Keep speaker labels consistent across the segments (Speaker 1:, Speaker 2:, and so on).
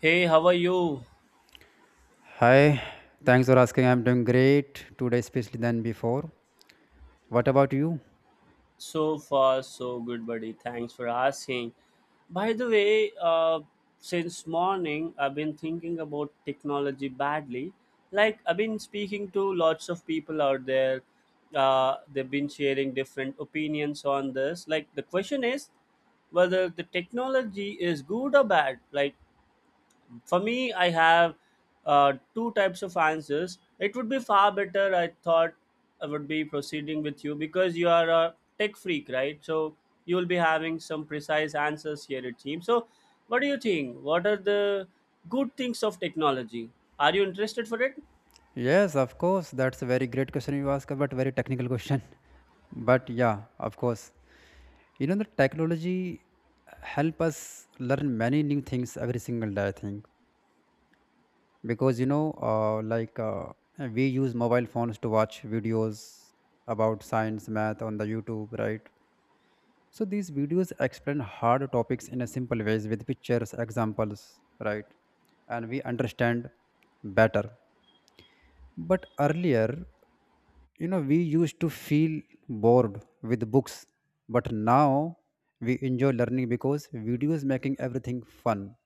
Speaker 1: Hey, how are you?
Speaker 2: Hi, thanks for asking. I'm doing great today, especially than before. What about you?
Speaker 1: So far, so good, buddy. Thanks for asking. By the way, since morning, I've been thinking about technology badly. Like, I've been speaking to lots of people out there. They've been sharing different opinions on this. Like, the question is whether the technology is good or bad. Like, for me, I have two types of answers. It would be far better, I thought, I would be proceeding with you because you are a tech freak, right? So you will be having some precise answers here, it seems. So, what do you think? What are the good things of technology? Are you interested for it?
Speaker 2: Yes, of course. That's a very great question you ask, but very technical question. But yeah, of course. You know, the technology help us learn many new things every single day. I think because you know, like we use mobile phones to watch videos about science, math on the YouTube, right? So these videos explain hard topics in a simple ways with pictures, examples, right? And we understand better. But earlier, we used to feel bored with books, but now we enjoy learning because videos making everything fun.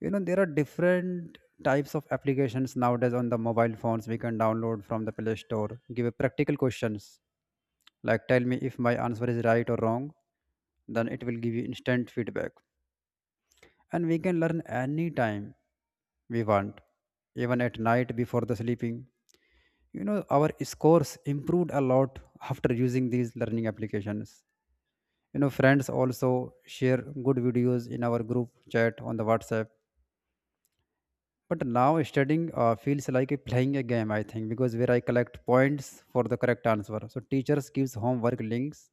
Speaker 2: You know there are different types of applications nowadays on the mobile phones. We can download from the play store, give a practical questions like tell me if my answer is right or wrong, then it will give you instant feedback, and we can learn any time we want, even at night before the sleeping. You know our scores improved a lot after using these learning applications. You know friends also share good videos in our group chat on the WhatsApp. But now studying feels like a playing a game, I think, because where I collect points for the correct answer. So teachers gives homework links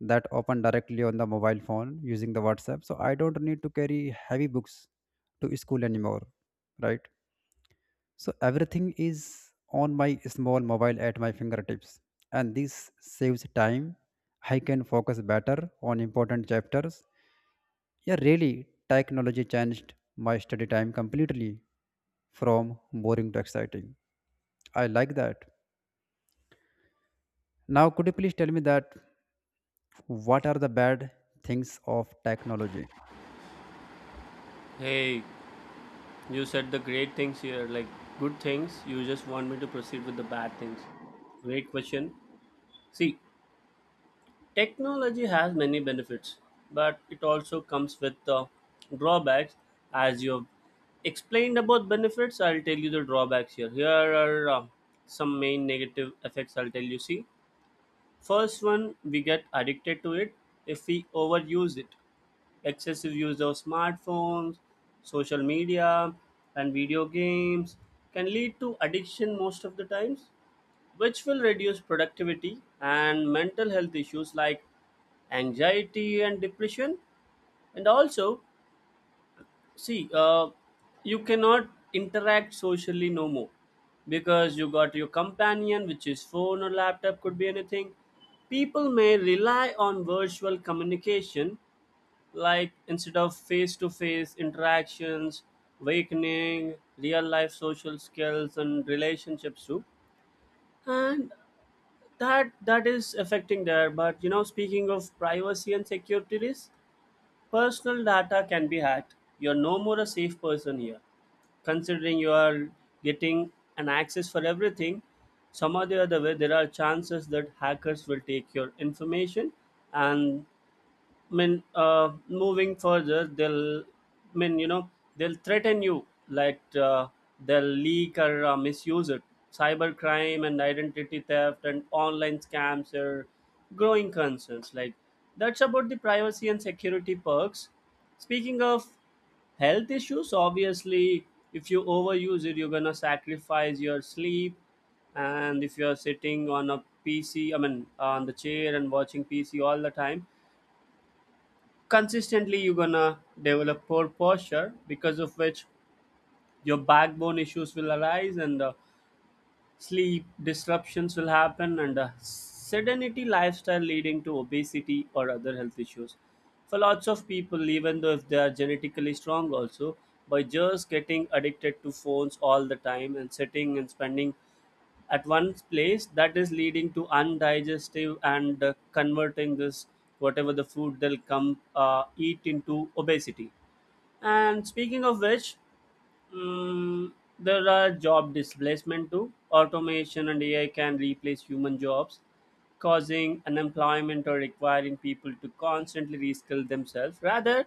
Speaker 2: that open directly on the mobile phone using the WhatsApp. So I don't need to carry heavy books to school anymore, right? So everything is on my small mobile at my fingertips, and this saves time. I can focus better on important chapters. Yeah, really, technology changed my study time completely from boring to exciting. I like that. Now, could you please tell me that what are the bad things of technology?
Speaker 1: Hey, you said the great things here, like good things. You just want me to proceed with the bad things. Great question. See, technology has many benefits, but it also comes with drawbacks. As you've explained about benefits, I'll tell you the drawbacks here. Here are some main negative effects I'll tell you. See, first one, we get addicted to it if we overuse it. Excessive use of smartphones, social media, and video games can lead to addiction most of the times, which will reduce productivity and mental health issues like anxiety and depression. And also, see, you cannot interact socially no more because you got your companion, which is phone or laptop, could be anything. People may rely on virtual communication, like instead of face to face interactions, awakening real life social skills and relationships too. And that is affecting there. But you know, speaking of privacy and security risk, personal data can be hacked. You're no more a safe person here. Considering you are getting an access for everything, some or the other way there are chances that hackers will take your information. And moving further, they'll, mean, you know, they'll threaten you, like, they'll leak or misuse it. Cybercrime and identity theft and online scams are growing concerns. Like, that's about the privacy and security perks. Speaking of health issues, obviously, if you overuse it, you're gonna sacrifice your sleep. And if you're sitting on a PC, I mean, on the chair and watching PC all the time, consistently you're gonna develop poor posture, because of which your backbone issues will arise, and sleep disruptions will happen, and sedentary lifestyle leading to obesity or other health issues for lots of people, even though if they are genetically strong also, by just getting addicted to phones all the time and sitting and spending at one place, that is leading to undigestive and converting this, whatever the food they'll come eat, into obesity. And speaking of which, Mm, there are job displacement too. Automation and AI can replace human jobs, causing unemployment or requiring people to constantly reskill themselves. Rather,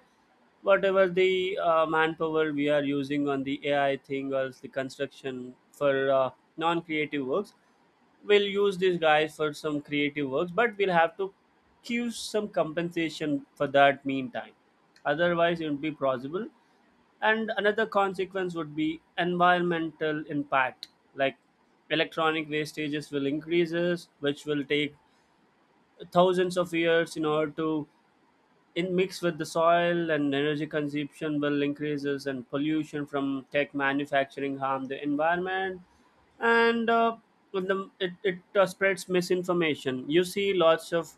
Speaker 1: whatever the manpower we are using on the AI thing or else the construction for non-creative works, we'll use these guys for some creative works, but we'll have to give some compensation for that meantime. Otherwise, it won't be possible. And another consequence would be environmental impact, like electronic wastages will increases, which will take thousands of years in order to in mix with the soil, and energy consumption will increases and pollution from tech manufacturing harm the environment. And with the, it spreads misinformation. You see lots of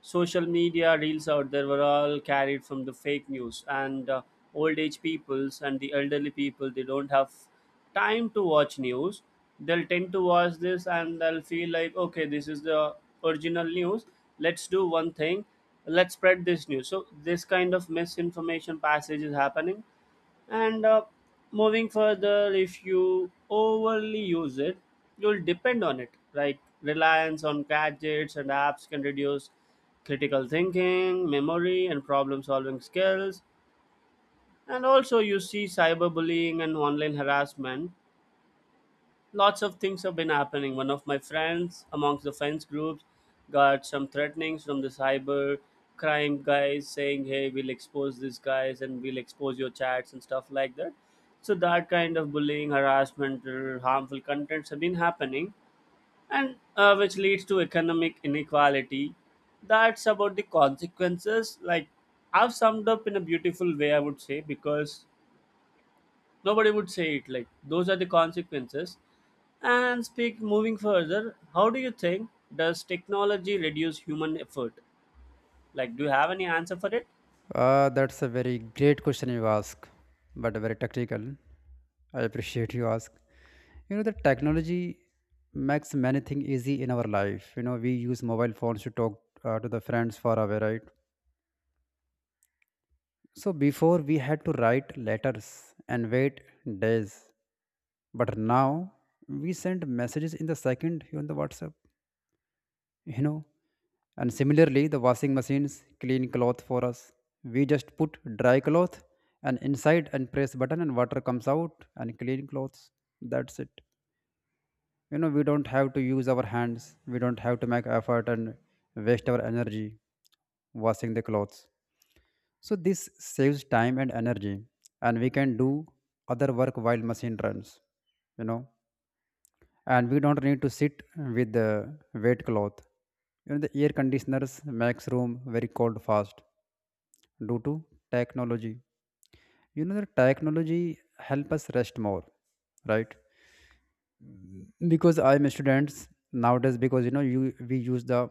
Speaker 1: social media reels out there were all carried from the fake news. And old age peoples and the elderly people, they don't have time to watch news. They'll tend to watch this and they'll feel like, okay, this is the original news, let's do one thing, let's spread this news. So this kind of misinformation passage is happening. And moving further, if you overly use it, you'll depend on it, right? Reliance on gadgets and apps can reduce critical thinking, memory, and problem solving skills. And also, you see, cyberbullying and online harassment, lots of things have been happening. One of my friends amongst the fence groups got some threatenings from the cyber crime guys, saying, "Hey, we'll expose these guys and we'll expose your chats and stuff like that." So that kind of bullying, harassment, or harmful contents have been happening, and which leads to economic inequality. That's about the consequences. Like, I've summed up in a beautiful way, I would say, because nobody would say it. Like, those are the consequences. And speak moving further, how do you think does technology reduce human effort? Like, do you have any answer for it?
Speaker 2: That's a very great question you ask, but very tactical. I appreciate you ask. You know, the technology makes many things easy in our life. You know, we use mobile phones to talk to the friends far away, right? So before we had to write letters and wait days, but now we send messages in the second on the WhatsApp, you know. And similarly, the washing machines clean cloth for us. We just put dry cloth and inside and press button and water comes out and clean clothes. That's it. You know, we don't have to use our hands. We don't have to make effort and waste our energy washing the clothes. So this saves time and energy, and we can do other work while machine runs, you know. And we don't need to sit with the wet cloth. You know, the air conditioners makes room very cold fast due to technology. You know, the technology help us rest more, right? Because I'm students nowadays. Because you know, you we use the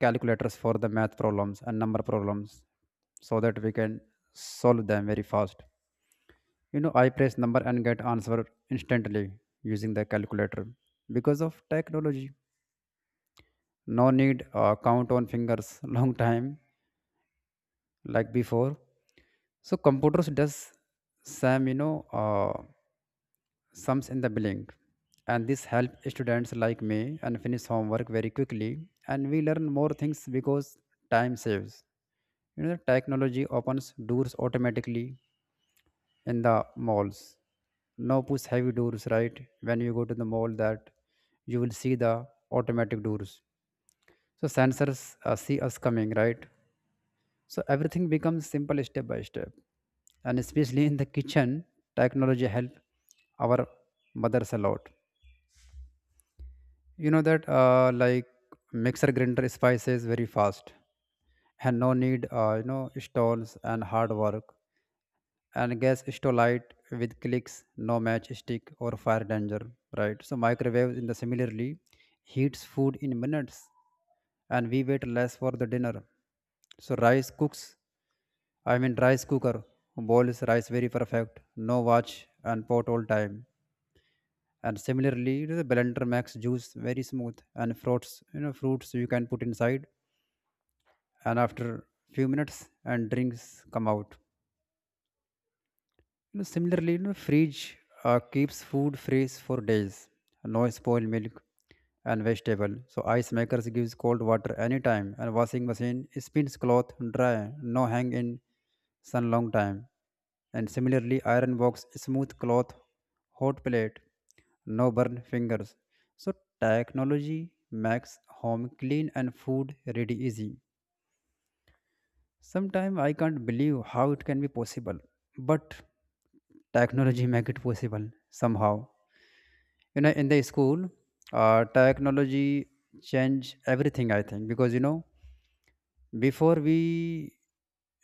Speaker 2: calculators for the math problems and number problems, so that we can solve them very fast. You know I press number and get answer instantly using the calculator because of technology. No need count on fingers long time like before. So computers does some uh, sums in the blink, and this help students like me and finish homework very quickly, and we learn more things because time saves. You know the technology opens doors automatically in the malls. No push heavy doors, right? When you go to the mall, that you will see the automatic doors. So sensors see us coming, right? So everything becomes simple step by step, and especially in the kitchen, technology help our mothers a lot. You know that like mixer grinder spices very fast, and no need stalls and hard work, and gas stove light with clicks, no match stick or fire danger, right? So microwave in the similarly heats food in minutes and we wait less for the dinner. So rice cooks, I mean rice cooker boils rice very perfect, no watch and pot all time. And similarly, you know, the blender makes juice very smooth and fruits, you know, fruits you can put inside and after few minutes and drinks come out. You know, similarly, you know, fridge keeps food fresh for days. No spoiled milk and vegetable. So ice makers gives cold water anytime, and washing machine spins cloth dry. No hang in sun long time. And similarly, iron box smooth cloth, hot plate, no burn fingers. So technology makes home clean and food ready easy. Sometimes I can't believe how it can be possible, but technology make it possible somehow. You know, in the school, technology change everything. I think because you know before we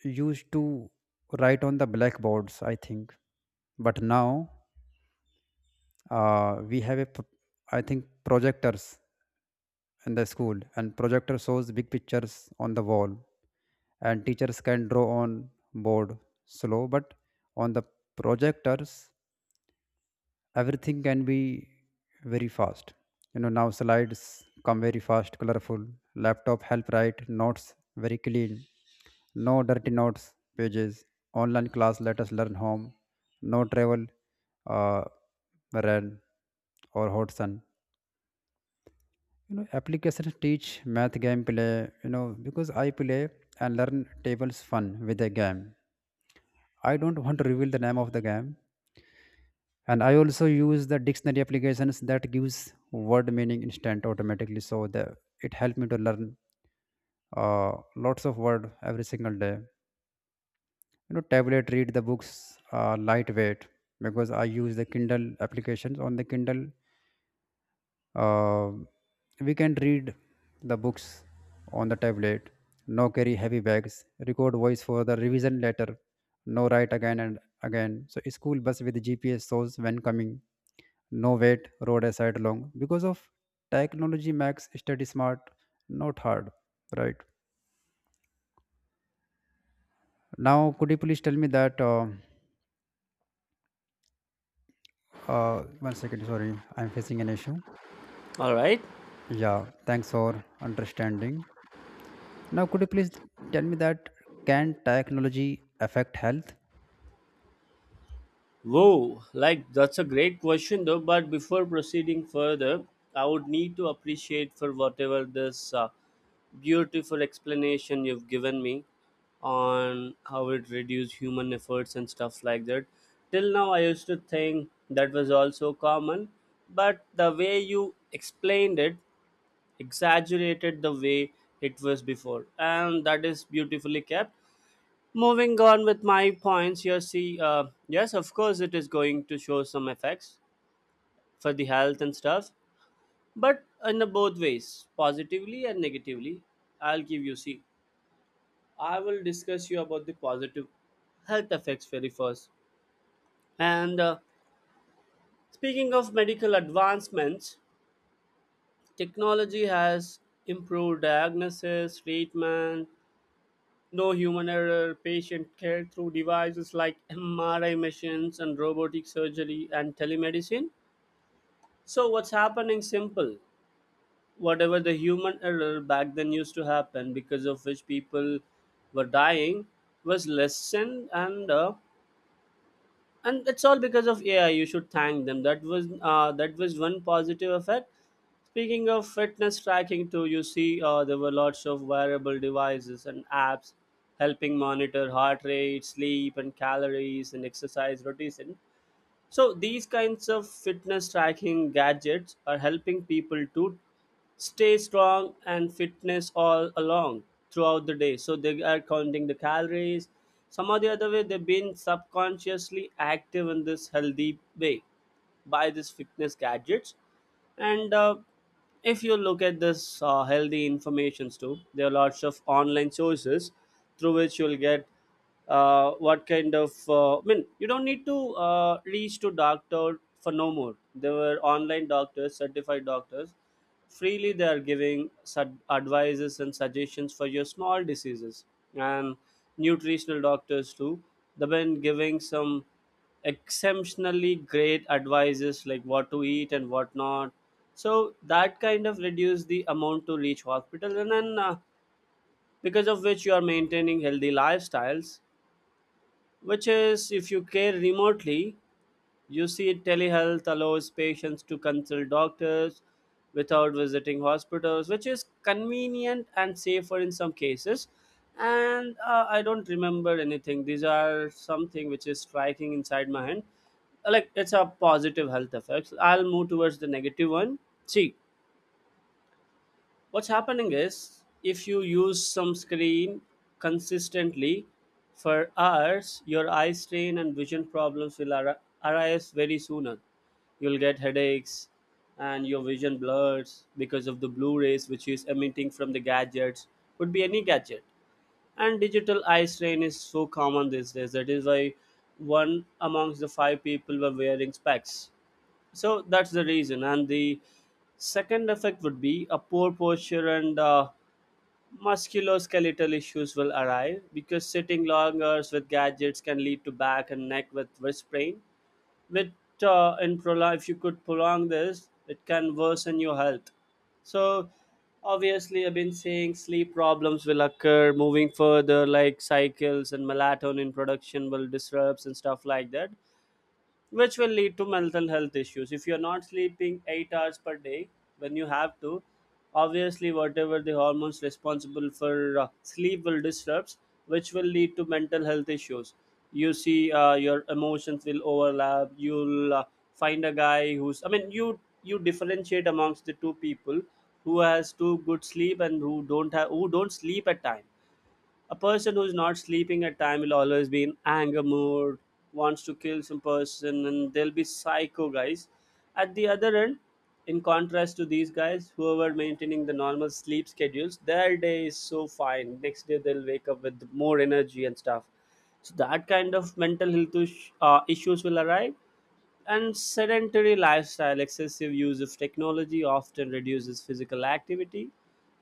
Speaker 2: used to write on the blackboards. I think, but now we have a, pro- I think projectors in the school, and projector shows big pictures on the wall, and teachers can draw on board slow, but on the projectors everything can be very fast. You know now slides come very fast colorful. Laptop help write notes very clean, no dirty notes pages. Online class let us learn home, no travel, uh, rain or hot sun. You know applications teach math game play. You know because I play and learn tables fun with a game. I don't want to reveal the name of the game. And I also use the dictionary applications that gives word meaning instant automatically, so the it helped me to learn uh, lots of word every single day. You know tablet read the books, lightweight because I use the Kindle applications on the Kindle. Uh, we can read the books on the tablet, no carry heavy bags, record voice for the revision letter, no write again and again. So school bus with GPS shows when coming, no wait, road aside long. Because of technology makes study smart, not hard, right? Now, could you please tell me that? One second, sorry, I'm facing an issue.
Speaker 1: All right.
Speaker 2: Yeah, thanks for understanding. Now, could you please tell me that can technology affect health?
Speaker 1: Whoa, like that's a great question though. But before proceeding further, I would need to appreciate for whatever this beautiful explanation you've given me on how it reduced human efforts and stuff like that. Till now, I used to think that was also common, but the way you explained it exaggerated the way it was before, and that is beautifully kept. Moving on with my points, you see, yes, of course, it is going to show some effects for the health and stuff, but in the both ways, positively and negatively. I'll give you, see. I will discuss you about the positive health effects very first. And speaking of medical advancements, technology has improved diagnosis, treatment, no human error, patient care through devices like MRI machines and robotic surgery and telemedicine. So, what's happening? Simple. Whatever the human error back then used to happen, because of which people were dying, was lessened, and and that's all because of AI. You should thank them. That was one positive effect. Speaking of fitness tracking, too, you see there were lots of wearable devices and apps helping monitor heart rate, sleep, and calories and exercise routines. So these kinds of fitness tracking gadgets are helping people to stay strong and fitness all along throughout the day. So they are counting the calories. Some or the other way, they've been subconsciously active in this healthy way by these fitness gadgets. And if you look at this healthy informations too, there are lots of online sources through which you'll get what kind of. I mean, you don't need to reach to doctor for no more. There were online doctors, certified doctors, freely they are giving advices and suggestions for your small diseases and nutritional doctors too. They've been giving some exceptionally great advices like what to eat and what not. So that kind of reduce the amount to reach hospital, and then, because of which you are maintaining healthy lifestyles, which is if you care remotely, you see, telehealth allows patients to consult doctors without visiting hospitals, which is convenient and safer in some cases. And I don't remember anything. These are something which is striking inside my head. Like, it's a positive health effects. I'll move towards the negative one. See, what's happening is if you use some screen consistently for hours, your eye strain and vision problems will arise very sooner. You'll get headaches and your vision blurs because of the blue rays which is emitting from the gadgets, could be any gadget. And digital eye strain is so common these days. That is why one amongst the five people were wearing specs. So that's the reason. And the second effect would be a poor posture, and musculoskeletal issues will arrive, because sitting long hours with gadgets can lead to back and neck with wrist sprain. With in prolong, if you could prolong this, it can worsen your health. So obviously, I've been saying sleep problems will occur moving further, like cycles and melatonin production will disrupts and stuff like that, which will lead to mental health issues. If you're not sleeping 8 hours per day when you have to, obviously whatever the hormones responsible for sleep will disrupts, which will lead to mental health issues. You see, your emotions will overlap. You'll find a guy who's. I mean, you differentiate amongst the two people who has too good sleep and who don't have, who don't sleep at time. A person who is not sleeping at time will always be in anger mood, wants to kill some person, and they'll be psycho guys. At the other end, in contrast to these guys, who are maintaining the normal sleep schedules, their day is so fine. Next day they'll wake up with more energy and stuff. So that kind of mental health issues will arrive. And sedentary lifestyle, excessive use of technology often reduces physical activity,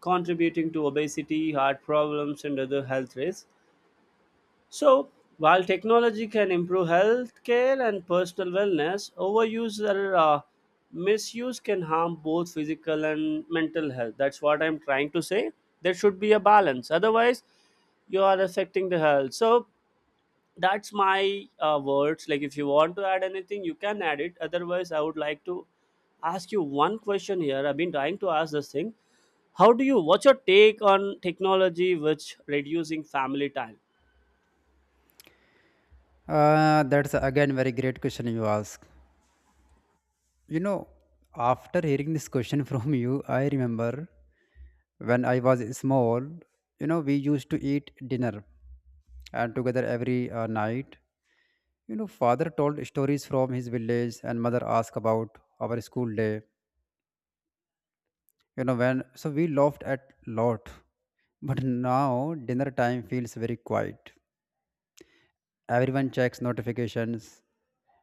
Speaker 1: contributing to obesity, heart problems, and other health risks. So, while technology can improve health care and personal wellness, overuse or misuse can harm both physical and mental health. That's what I'm trying to say. There should be a balance. Otherwise, you are affecting the health. So, that's my words. Like, if you want to add anything you can add it, otherwise I would like to ask you one question here. I've been trying to ask this thing. How do you, what's your take on technology which reducing family time?
Speaker 2: That's again very great question you ask. You know, after hearing this question from you, I remember when I was small. You know, we used to eat dinner and together every night. You know, father told stories from his village, and mother asked about our school day. You know, when so we laughed at lot, but now dinner time feels very quiet. Everyone checks notifications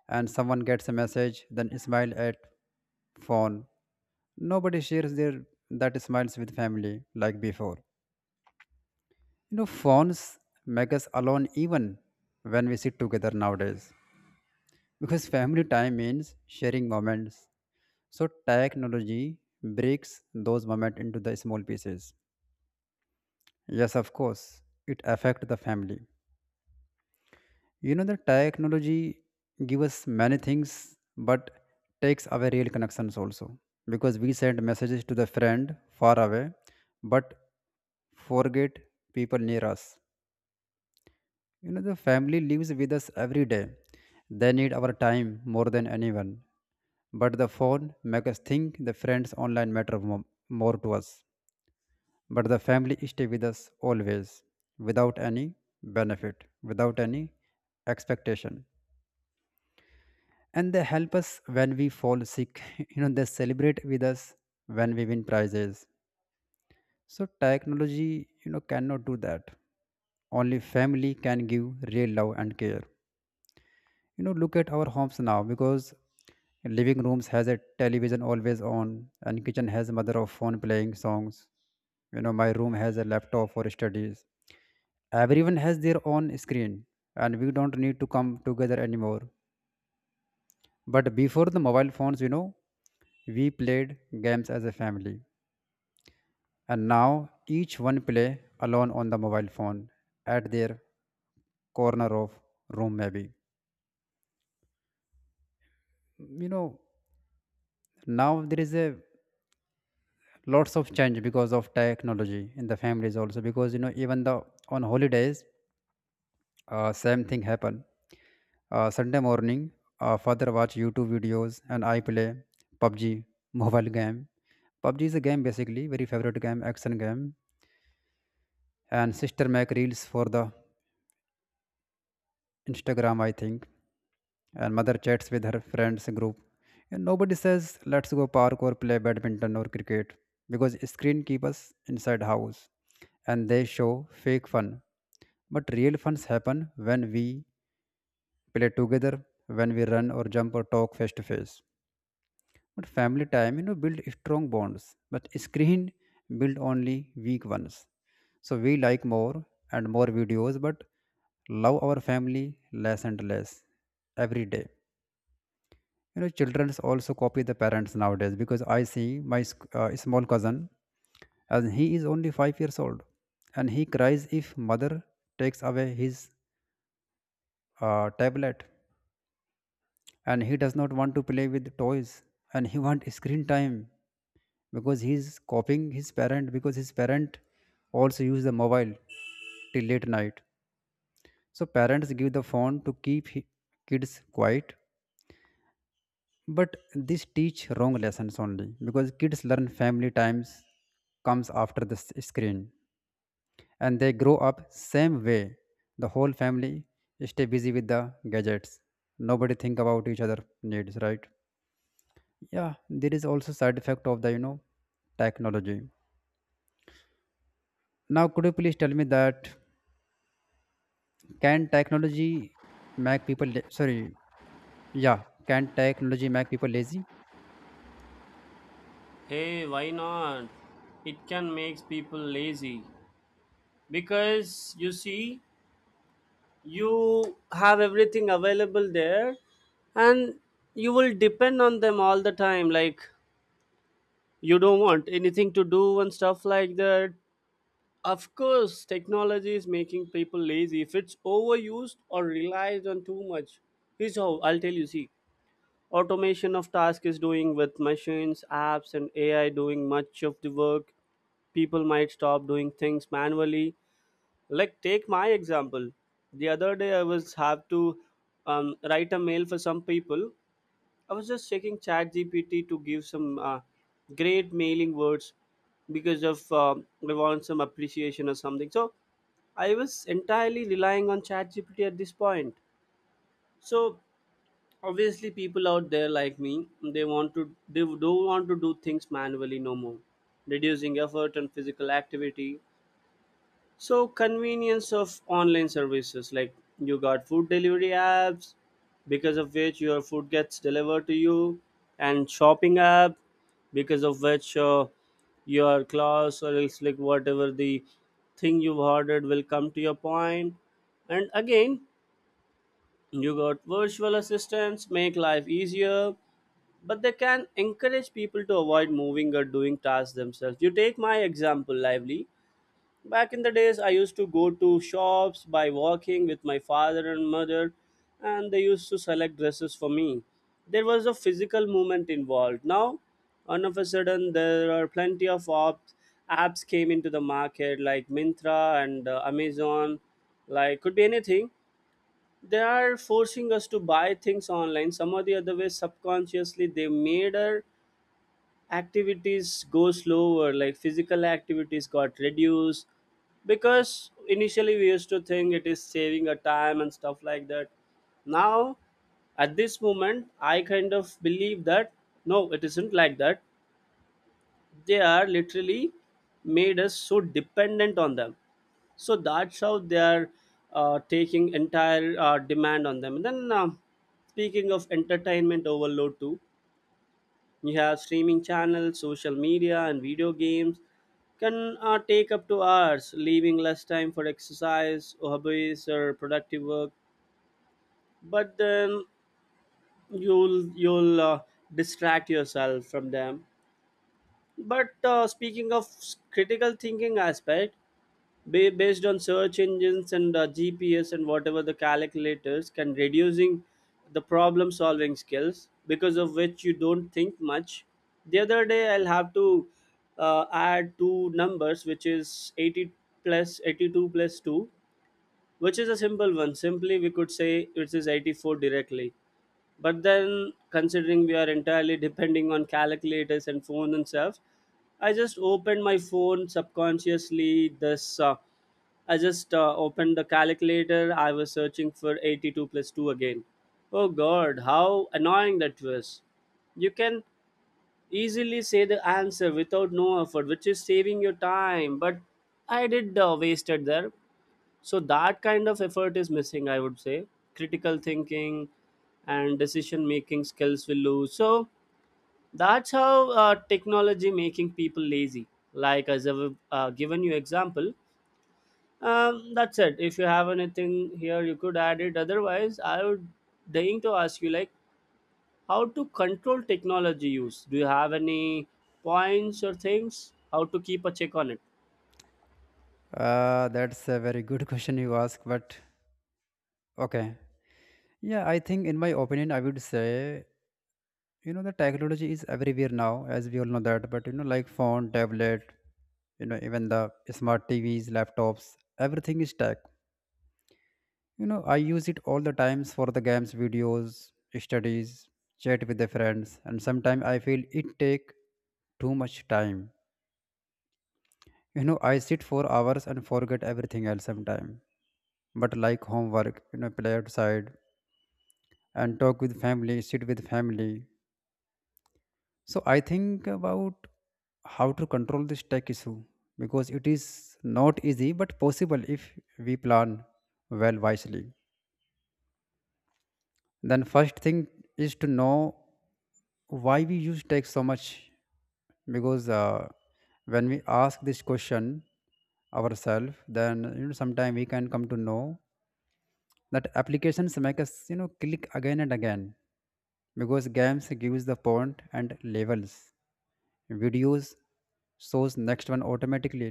Speaker 2: and someone gets a message, then smile at phone. Nobody shares their that smiles with family like before. You know, phones make us alone even when we sit together nowadays. Because family time means sharing moments. So technology breaks those moments into the small pieces. Yes, of course, it affects the family. You know, the technology give us many things, but takes away real connections also. Because we send messages to the friend far away, but forget people near us. You know, the family lives with us every day. They need our time more than anyone. But the phone makes us think the friends online matter more to us. But the family stay with us always without any benefit, without any expectation, and they help us when we fall sick. you know they celebrate with us when we win prizes. So technology, you know, cannot do that. Only family can give real love and care. You know, look at our homes now, because living rooms has a television always on, and kitchen has mother of phone playing songs. You know, my room has a laptop for studies. Everyone has their own screen and we don't need to come together anymore. But before the mobile phones, you know, we played games as a family. And now each one play alone on the mobile phone at their corner of room maybe. You know, now there is a lots of change because of technology in the families also. Because you know even the on holidays same thing happen. Sunday morning, father watch YouTube videos and I play PUBG mobile game. PUBG is a game basically, very favorite game, action game. And sister make reels for the Instagram I think. And mother chats with her friends group. And nobody says let's go park or play badminton or cricket because screen keep us inside house. And they show fake fun, but real funs happen when we play together, when we run or jump or talk face to face. But family time build strong bonds, but screen build only weak ones. So we like more and more videos but love our family less and less every day. You know children also copy the parents nowadays because I see my small cousin, and he is only 5 years old. And he cries if mother takes away his tablet, and he does not want to play with toys, and he want screen time because he is copying his parent, because his parent also use the mobile till late night. So parents give the phone to keep kids quiet. But this teach wrong lessons only because kids learn family times comes after the screen, and they grow up same way. The whole family stay busy with the gadgets. Nobody think about each other needs, right? Yeah, there is also side effect of the technology. Now, could you please tell me that can technology make people sorry? Yeah, can technology make people lazy?
Speaker 1: Hey, why not? It can make people lazy because, you see, you have everything available there and you will depend on them all the time. Like, you don't want anything to do and stuff like that. Of course, technology is making people lazy if it's overused or relied on too much. Here's how I'll tell you, see, automation of task is doing with machines, apps, and AI doing much of the work. People might stop doing things manually. Like, take my example. The other day, I was have to write a mail for some people. I was just checking ChatGPT to give some great mailing words because of I want some appreciation or something. So I was entirely relying on ChatGPT at this point. So obviously, people out there like me, they don't want to do things manually no more, reducing effort and physical activity. So convenience of online services, like you got food delivery apps because of which your food gets delivered to you, and shopping app because of which your clothes or else, like whatever the thing you've ordered will come to your point. And again, you got virtual assistants make life easier, but they can encourage people to avoid moving or doing tasks themselves. You take my example lively. Back in the days, I used to go to shops by walking with my father and mother, and they used to select dresses for me. There was a physical movement involved. Now, all of a sudden, there are plenty of apps, apps came into the market like Mintra and Amazon, like could be anything. They are forcing us to buy things online. Some or the other way, subconsciously, they made our activities go slower, like physical activities got reduced because initially we used to think it is saving a time and stuff like that. Now, at this moment I kind of believe that no, it isn't like that. They are literally made us so dependent on them. So that's how they are taking entire demand on them. And then speaking of entertainment overload too, you have streaming channels, social media, and video games can take up to hours, leaving less time for exercise, hobbies, or productive work. But then you'll distract yourself from them. But speaking of critical thinking aspect, based on search engines and GPS and whatever the calculators can reducing the problem solving skills because of which you don't think much. The other day I'll have to add two numbers which is 80 plus 82 plus 2, which is a simple one. Simply we could say it is 84 directly, but then considering we are entirely depending on calculators and phone and stuff, I just opened my phone subconsciously. This I just opened the calculator. I was searching for 82 plus 2 again. Oh god, how annoying that was. You can easily say the answer without no effort, which is saving your time. But I did wasted there. So that kind of effort is missing, I would say. Critical thinking and decision making skills will lose. So that's how technology making people lazy. Like as I've given you example, that's it. If you have anything here, you could add it. Otherwise, I would dying to ask you like how to control technology use. Do you have any points or things? How to keep a check on it?
Speaker 2: That's a very good question you ask. But okay, yeah, I think in my opinion, I would say, you know, the technology is everywhere now, as we all know that. But you know, like phone, tablet, you know, even the smart TVs, laptops, everything is tech. You know, I use it all the times for the games, videos, studies, chat with the friends, and sometimes I feel it take too much time. You know, I sit for hours and forget everything else sometimes. But like homework, you know, play outside and talk with family, sit with family. So I think about how to control this tech issue, because it is not easy but possible if we plan well wisely. Then first thing is to know why we use tech so much. Because when we ask this question ourselves, then you know sometime we can come to know that applications make us, you know, click again and again. Because games gives the point and levels, videos shows next one automatically,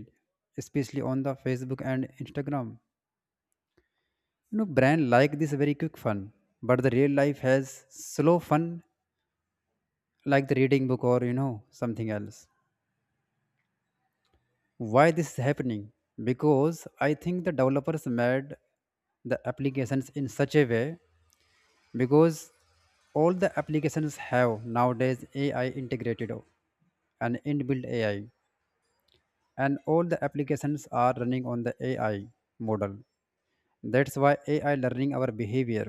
Speaker 2: especially on the Facebook and Instagram. You know brand like this very quick fun, but the real life has slow fun, like the reading book or you know something else. Why this is happening? Because I think the developers made the applications in such a way, because all the applications have nowadays AI integrated and inbuilt AI, and all the applications are running on the AI model. That's why AI learning our behavior,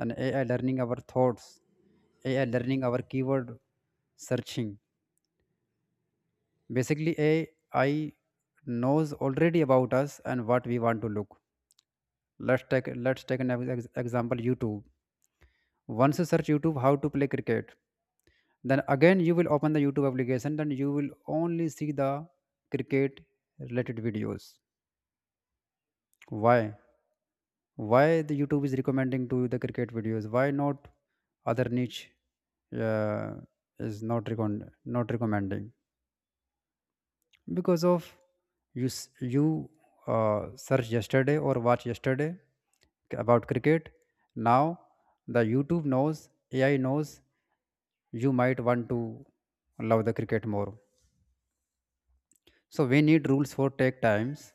Speaker 2: and AI learning our thoughts, AI learning our keyword searching. Basically, AI knows already about us and what we want to look. Let's take an example, YouTube. Once you search YouTube how to play cricket, then again you will open the YouTube application, then you will only see the cricket related videos. Why? Why the YouTube is recommending to you the cricket videos? Why not other niche uh, is not recommending? Because of you search yesterday or watch yesterday about cricket. Now the YouTube knows, AI knows, you might want to love the cricket more. So we need rules for take times,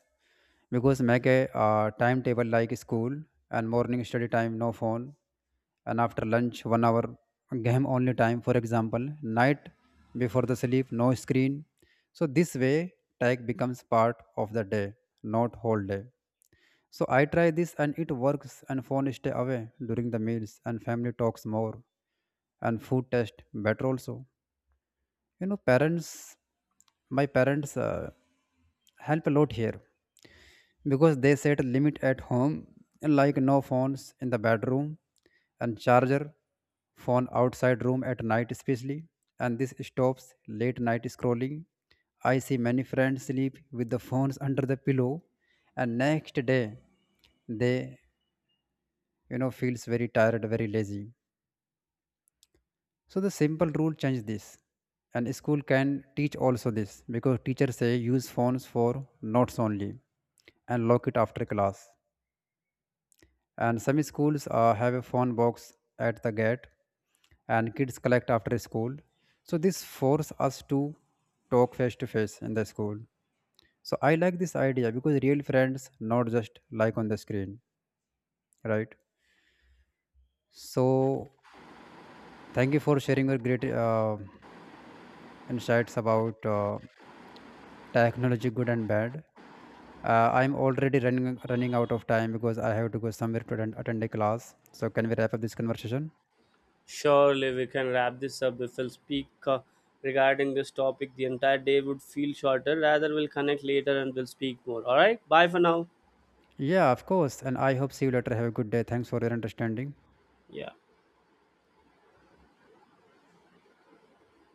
Speaker 2: because make a timetable like school. And morning study time, no phone. And after lunch 1 hour game only time, for example. Night before the sleep, no screen. So this way, tag becomes part of the day, not whole day. So I try this and it works, and phone stay away during the meals and family talks more, and food taste better also. You know parents, my parents help a lot here because they set a limit at home, like no phones in the bedroom, and charger phone outside room at night especially. And this stops late night scrolling. I see many friends sleep with the phones under the pillow, and next day they, you know, feels very tired, very lazy. So the simple rule change this. And school can teach also this because teachers say use phones for notes only and lock it after class. And some schools have a phone box at the gate and kids collect after school. So this force us to talk face to face in the school. So I like this idea because real friends not just like on the screen, right? So thank you for sharing your great insights about technology, good and bad. I'm already running out of time because I have to go somewhere to attend, attend a class. So can we wrap up this conversation?
Speaker 1: Surely we can wrap this up. If we'll speak regarding this topic, the entire day would feel shorter. Rather, we'll connect later and we'll speak more. All right. Bye for now.
Speaker 2: Yeah, of course, and I hope see you later. Have a good day. Thanks for your understanding.
Speaker 1: Yeah.